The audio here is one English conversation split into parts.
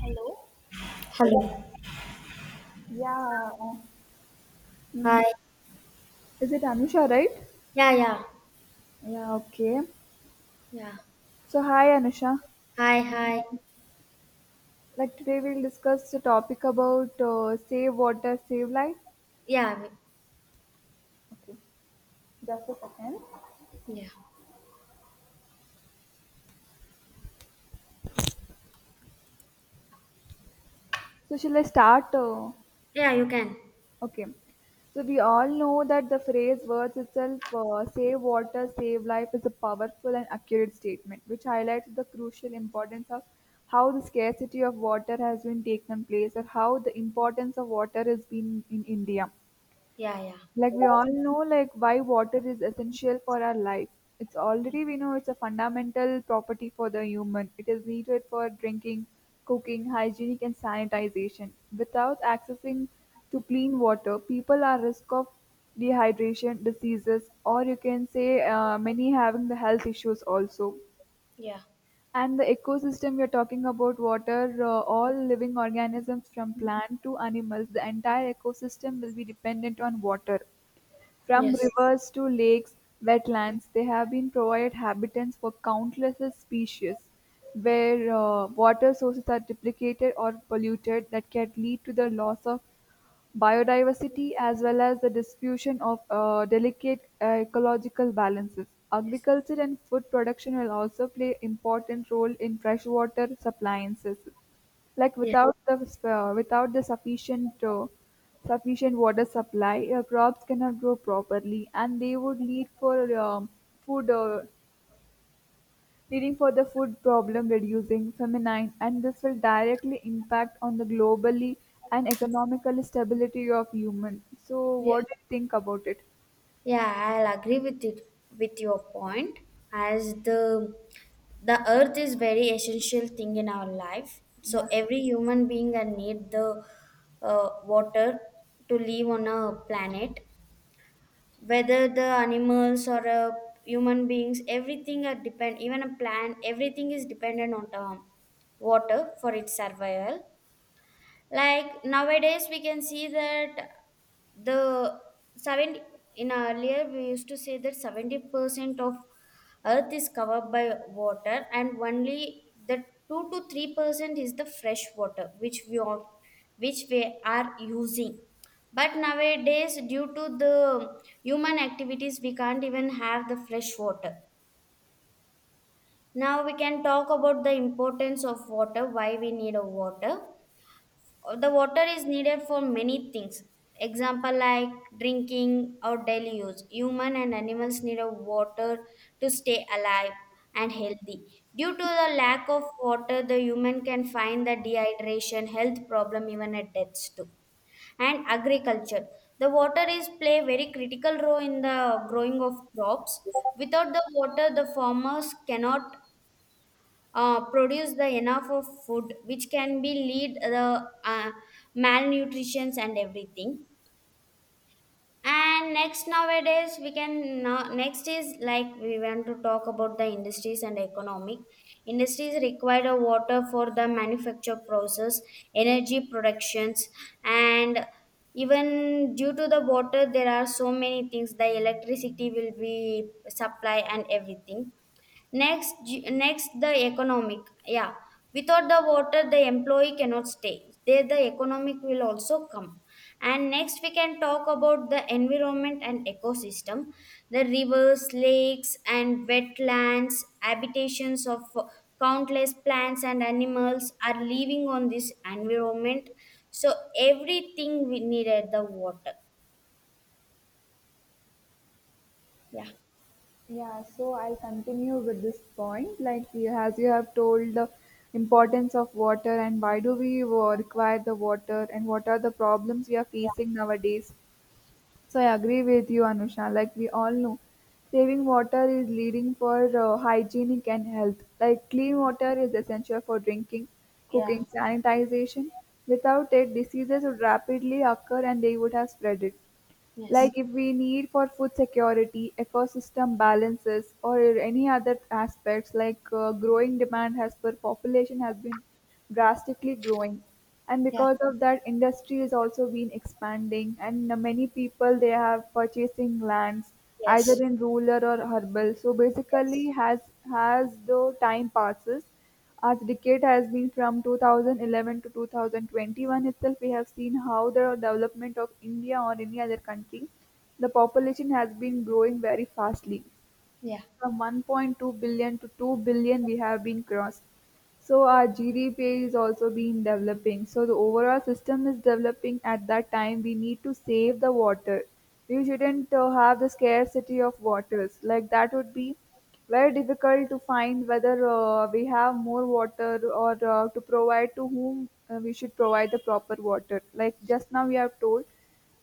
Hello. Hello. Yeah. um, Hi. mm, Is it Anusha, right? Yeah, yeah, Yeah, okay. yeah. So, hi Anusha. Hi, hi. Like today we'll discuss the topic about save water, save life. Yeah, w- Okay, just a second. yeah. So, shall I start? Uh, Yeah, you can. okay. So, we all know that the phrase words itself, save water, save life, is a powerful and accurate statement which highlights the crucial importance of how the scarcity of water has been taken place or how the importance of water has been in India. Yeah, yeah, Like we all know, like why water is essential for our life. It's already we know it's a fundamental property for the human. It is needed for drinking, cooking, hygienic and sanitization. Without accessing to clean water, people are risk of dehydration, diseases, or you can say many having the health issues also. yeah. And the ecosystem, you are talking about water, all living organisms from plant to animals, the entire ecosystem will be dependent on water. From Yes, rivers to lakes, wetlands, they have been provided habitats for countless species, where water sources are duplicated or polluted, that can lead to the loss of biodiversity, as well as the diffusion of delicate ecological balances. yes. Agriculture and food production will also play important role in freshwater supply. Like Yeah, without the uh, without the sufficient uh, sufficient water supply, crops cannot grow properly, and they would lead for food leading for the food problem, reducing feminine, and this will directly impact on the globally and economical stability of human. So, yeah. what do you think about it? Yeah, I'll agree with you with your point. As the earth is very essential thing in our life. So Yeah. every human being and need the water to live on a planet, whether the animals or human beings, everything are depend, even a plant everything is dependent on water for its survival. Like nowadays we can see that the 70 in earlier we used to say that 70% of earth is covered by water, and only the 2 to 3% is the fresh water which we all which we are using. But nowadays due to the human activities we can't even have the fresh water. Now we can talk about the importance of water, why we need a water. The water is needed for many things. Example, like drinking or daily use, human and animals need a water to stay alive and healthy. Due to the lack of water the human can find the dehydration, health problem, even at deaths too. And agriculture, the water is play very critical role in the growing of crops. Without the water the farmers cannot produce the enough of food, which can be lead the malnutrition and everything. And next nowadays we can now Next is like we want to talk about the industries and economic. Industries require the water for the manufacture process, energy productions, and even due to the water there are so many things, the electricity will be supply and everything. Next the economic, yeah, without the water the employee cannot stay there, the economic will also come. And next we can talk about the environment and ecosystem. The rivers, lakes and wetlands, habitations of countless plants and animals are living on this environment. So everything we needed the water, yeah. Yeah, so I'll continue with this point. Like, as you have told, the importance of water and why do we require the water and what are the problems we are facing nowadays. So I agree with you, Anusha. Like we all know, saving water is leading for hygienic and health. Like clean water is essential for drinking, Yeah, cooking, sanitization. Without it, diseases would rapidly occur and they would have spread it. yes. Like if we need for food security, ecosystem balances, or any other aspects, like growing demand has per population has been drastically growing, and because of that industry has also been expanding, and many people they have purchasing lands either in rural or herbal. So basically has the time passes, as the decade has been from 2011 to 2021 itself, we have seen how the development of India or any other country, the population has been growing very fastly from 1.2 billion to 2 billion we have been crossed. So our gdp is also been developing, so the overall system is developing. At that time we need to save the water. We shouldn't have the scarcity of waters. Like that would be very difficult to find whether we have more water, or to provide to whom we should provide the proper water. Like just now we have told,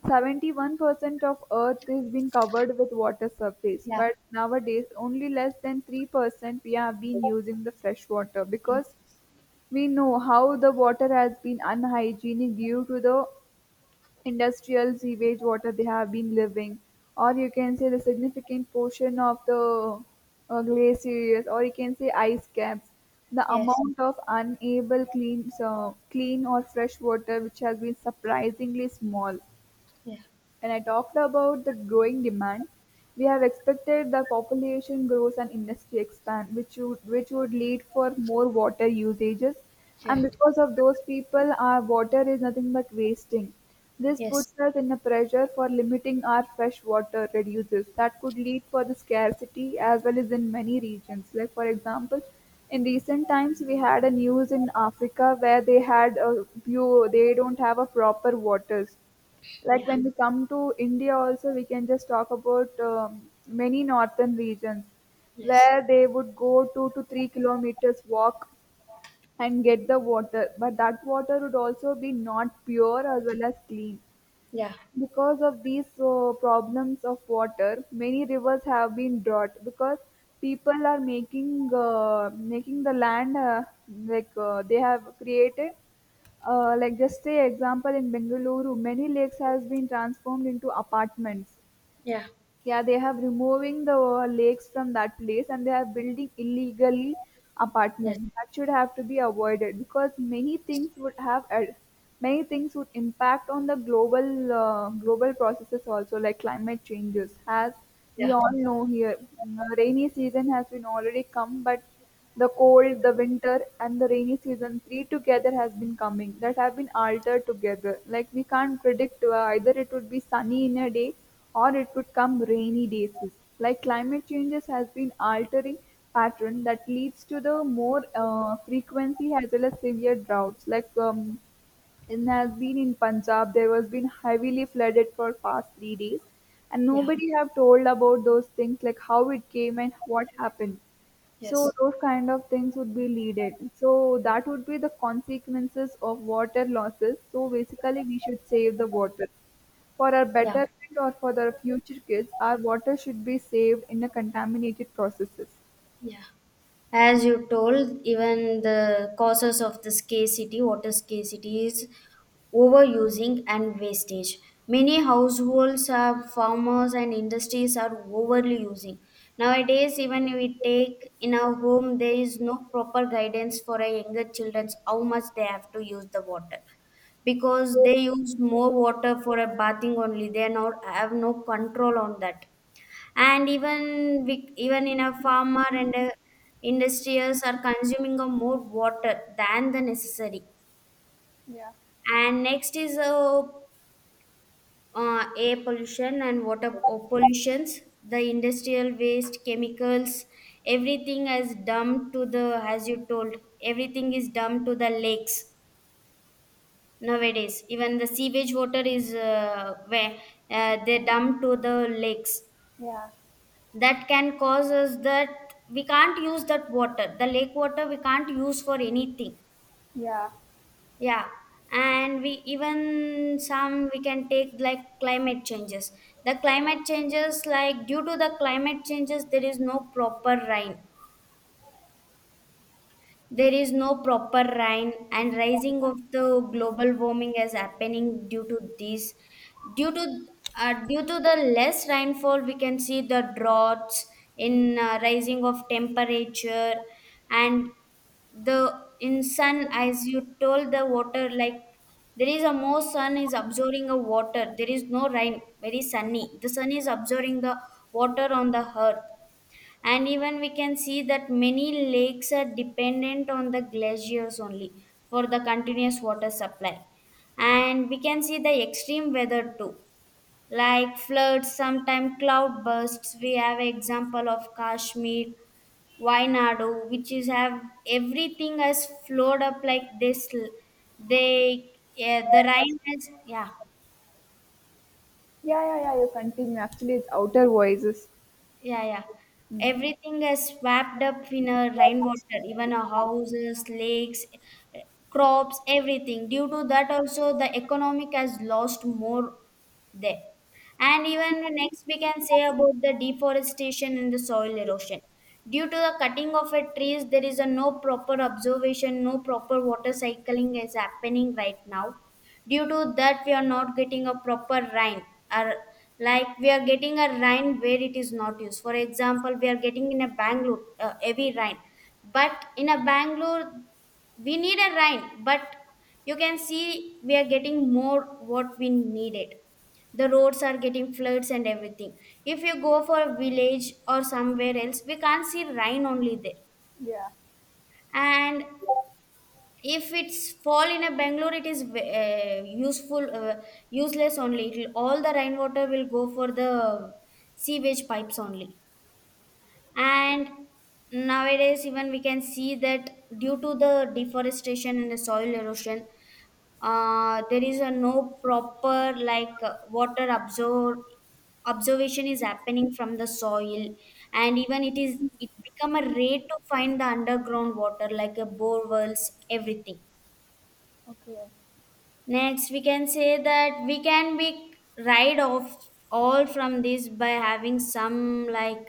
71% of Earth is been covered with water surface, but nowadays only less than 3% we have been using the fresh water, because we know how the water has been unhygienic due to the industrial sewage water they have been living, or you can say the significant portion of the glaciers, or you can say ice caps. The amount of unable clean, so clean or fresh water which has been surprisingly small. When I talked about the growing demand, we have expected the population grows and industry expand, which would lead for more water usages. And because of those people, our water is nothing but wasting. This puts us in a pressure for limiting our fresh water reduces. That could lead for the scarcity as well as in many regions. Like for example, in recent times we had a news in Africa where they had a few, they don't have a proper waters. Like when we come to India also, we can just talk about many northern regions where they would go 2 to 3 kilometers walk and get the water, but that water would also be not pure as well as clean. Because of these problems of water, many rivers have been drought because people are making making the land they have created. Like just say, example in Bengaluru, many lakes has been transformed into apartments. Yeah, they have removing the lakes from that place and they are building illegally apartments. That should have to be avoided because many things would impact on the global global processes also like climate changes. As we all know here, rainy season has been already come, but the cold, the winter, and the rainy season, three together has been coming, that have been altered together. Like we can't predict either it would be sunny in a day or it would come rainy days. Like climate changes has been altering pattern that leads to the more frequency as well as severe droughts. And has been in Punjab. There was been heavily flooded for past 3 days, and nobody have told about those things like how it came and what happened. So those kind of things would be needed. So that would be the consequences of water losses. So basically, we should save the water for our betterment or for the future kids. Our water should be saved in the contaminated processes. As you told, even the causes of the scarcity, water scarcity is overusing and wastage. Many households are farmers and industries are overly using. Nowadays, even we take in our home, there is no proper guidance for our younger children how much they have to use the water, because they use more water for a bathing only, they not have no control on that. And even we, even in a farmer and a industrials are consuming a more water than the necessary. And next is air pollution and pollutions, the industrial waste chemicals, everything is dumped to the, as you told, everything is dumped to the lakes. Nowadays, even the sewage water is where they dump to the lakes. Yeah, That can cause us that we can't use that water. The lake water we can't use for anything. yeah, Yeah, and we even some we can take like climate changes. The climate changes, like due to the climate changes, there is no proper rain. There is no proper rain, and rising of the global warming is happening due to this. Due to due to the less rainfall, we can see the droughts in rising of temperature, and the in sun, as you told, the water, like there is a more sun is absorbing a water. There is no rain, very sunny. The sun is absorbing the water on the earth. And even we can see that many lakes are dependent on the glaciers only for the continuous water supply. And we can see the extreme weather too, like floods, sometimes cloud bursts. We have example of Kashmir, Wainadu, which is have everything has flowed up like this. They, yeah, the rain has, yeah. yeah, yeah, yeah. You continue. Actually, it's outer voices. Yeah, yeah. Everything is swapped up in a rainwater, even our houses, lakes, eh, crops, everything. Due to that, also the economic has lost more there. And even next, we can say about the deforestation and the soil erosion. Due to the cutting of a trees, there is a no proper observation, no proper water cycling is happening right now. Due to that we are not getting a proper rain, or like we are getting a rain where it is not used. For example, we are getting in a Bangalore heavy rain, but in a Bangalore we need a rain, but you can see we are getting more what we needed, the roads are getting floods and everything. If you go for a village or somewhere else we can't see rain only there. Yeah. And if it's fall in a Bangalore it is useful useless only. It'll, all the rainwater will go for the sewage pipes only. And nowadays even we can see that due to the deforestation and the soil erosion, there is a no proper, like, water absorb observation is happening from the soil. And even it is, it become a rate to find the underground water, like a bore wells, everything. Okay. Next, we can say that we can be ride off all from this by having some, like,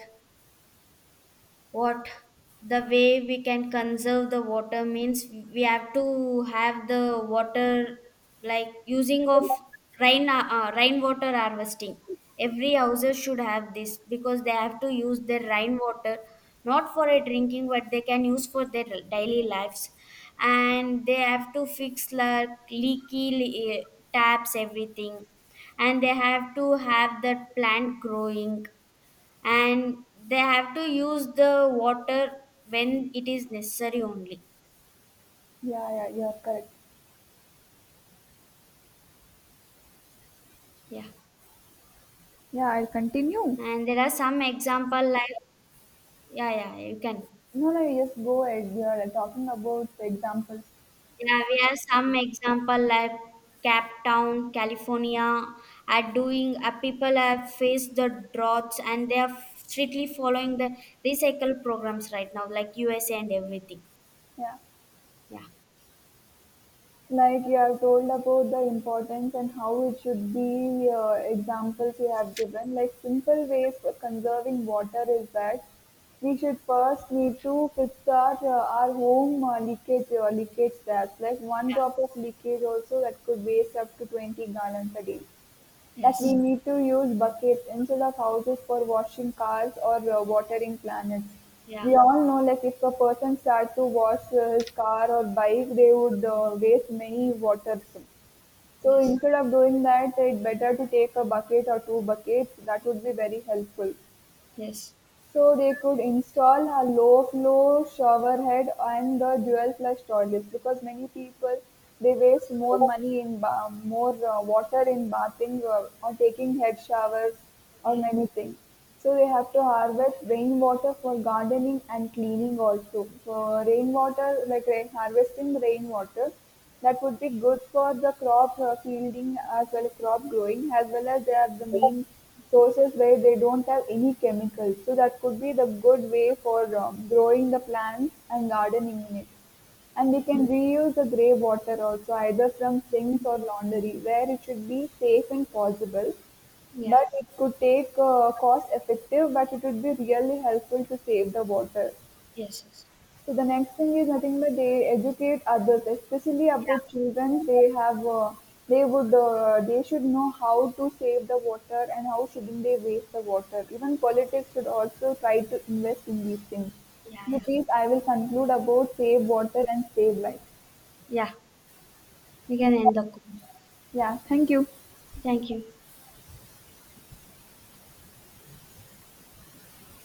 what, the way we can conserve the water means we have to have the water, like using of rainwater harvesting. Every houses should have this because they have to use their rainwater, not for a drinking, but they can use for their daily lives. And they have to fix like taps everything. And they have to have the plant growing, and they have to use the water when it is necessary only, Yeah, yeah, you are correct. yeah. Yeah, I'll continue. And there are some example, like, yeah, yeah, you can. No, no, you just go ahead. You are talking about the examples. Yeah, we have some example like Cap Town, California, are doing, people have faced the droughts and they are strictly following the recycle programs right now like USA and everything. Yeah, like you have told about the importance and how it should be. Examples you have given, like simple ways for conserving water is that we should first need to fix our home leakage taps. Like one drop of leakage also that could waste up to 20 gallons a day. That we need to use buckets instead of houses for washing cars or watering plants. We all know, like, if a person starts to wash his car or bike, they would waste many waters. So instead of doing that, it's better to take a bucket or two buckets. That would be very helpful. So they could install a low-flow showerhead and the dual-flush toilets, because many people they waste more money in ba- more water in bathing, or taking head showers or many things. So they have to harvest rainwater for gardening and cleaning also. So rainwater, like rain, harvesting rainwater, that would be good for the crop fielding as well as crop growing, as well as they are the means sources where they don't have any chemicals. So that could be the good way for growing the plants and gardening in it. And we can reuse the grey water also, either from sinks or laundry, where it should be safe and possible. But it could take cost effective, but it would be really helpful to save the water. So the next thing is nothing but they educate others, especially about children. They have, they would, they should know how to save the water and how shouldn't they waste the water. Even politics should also try to invest in these things. With these, I will conclude about save water and save life. Yeah, thank you.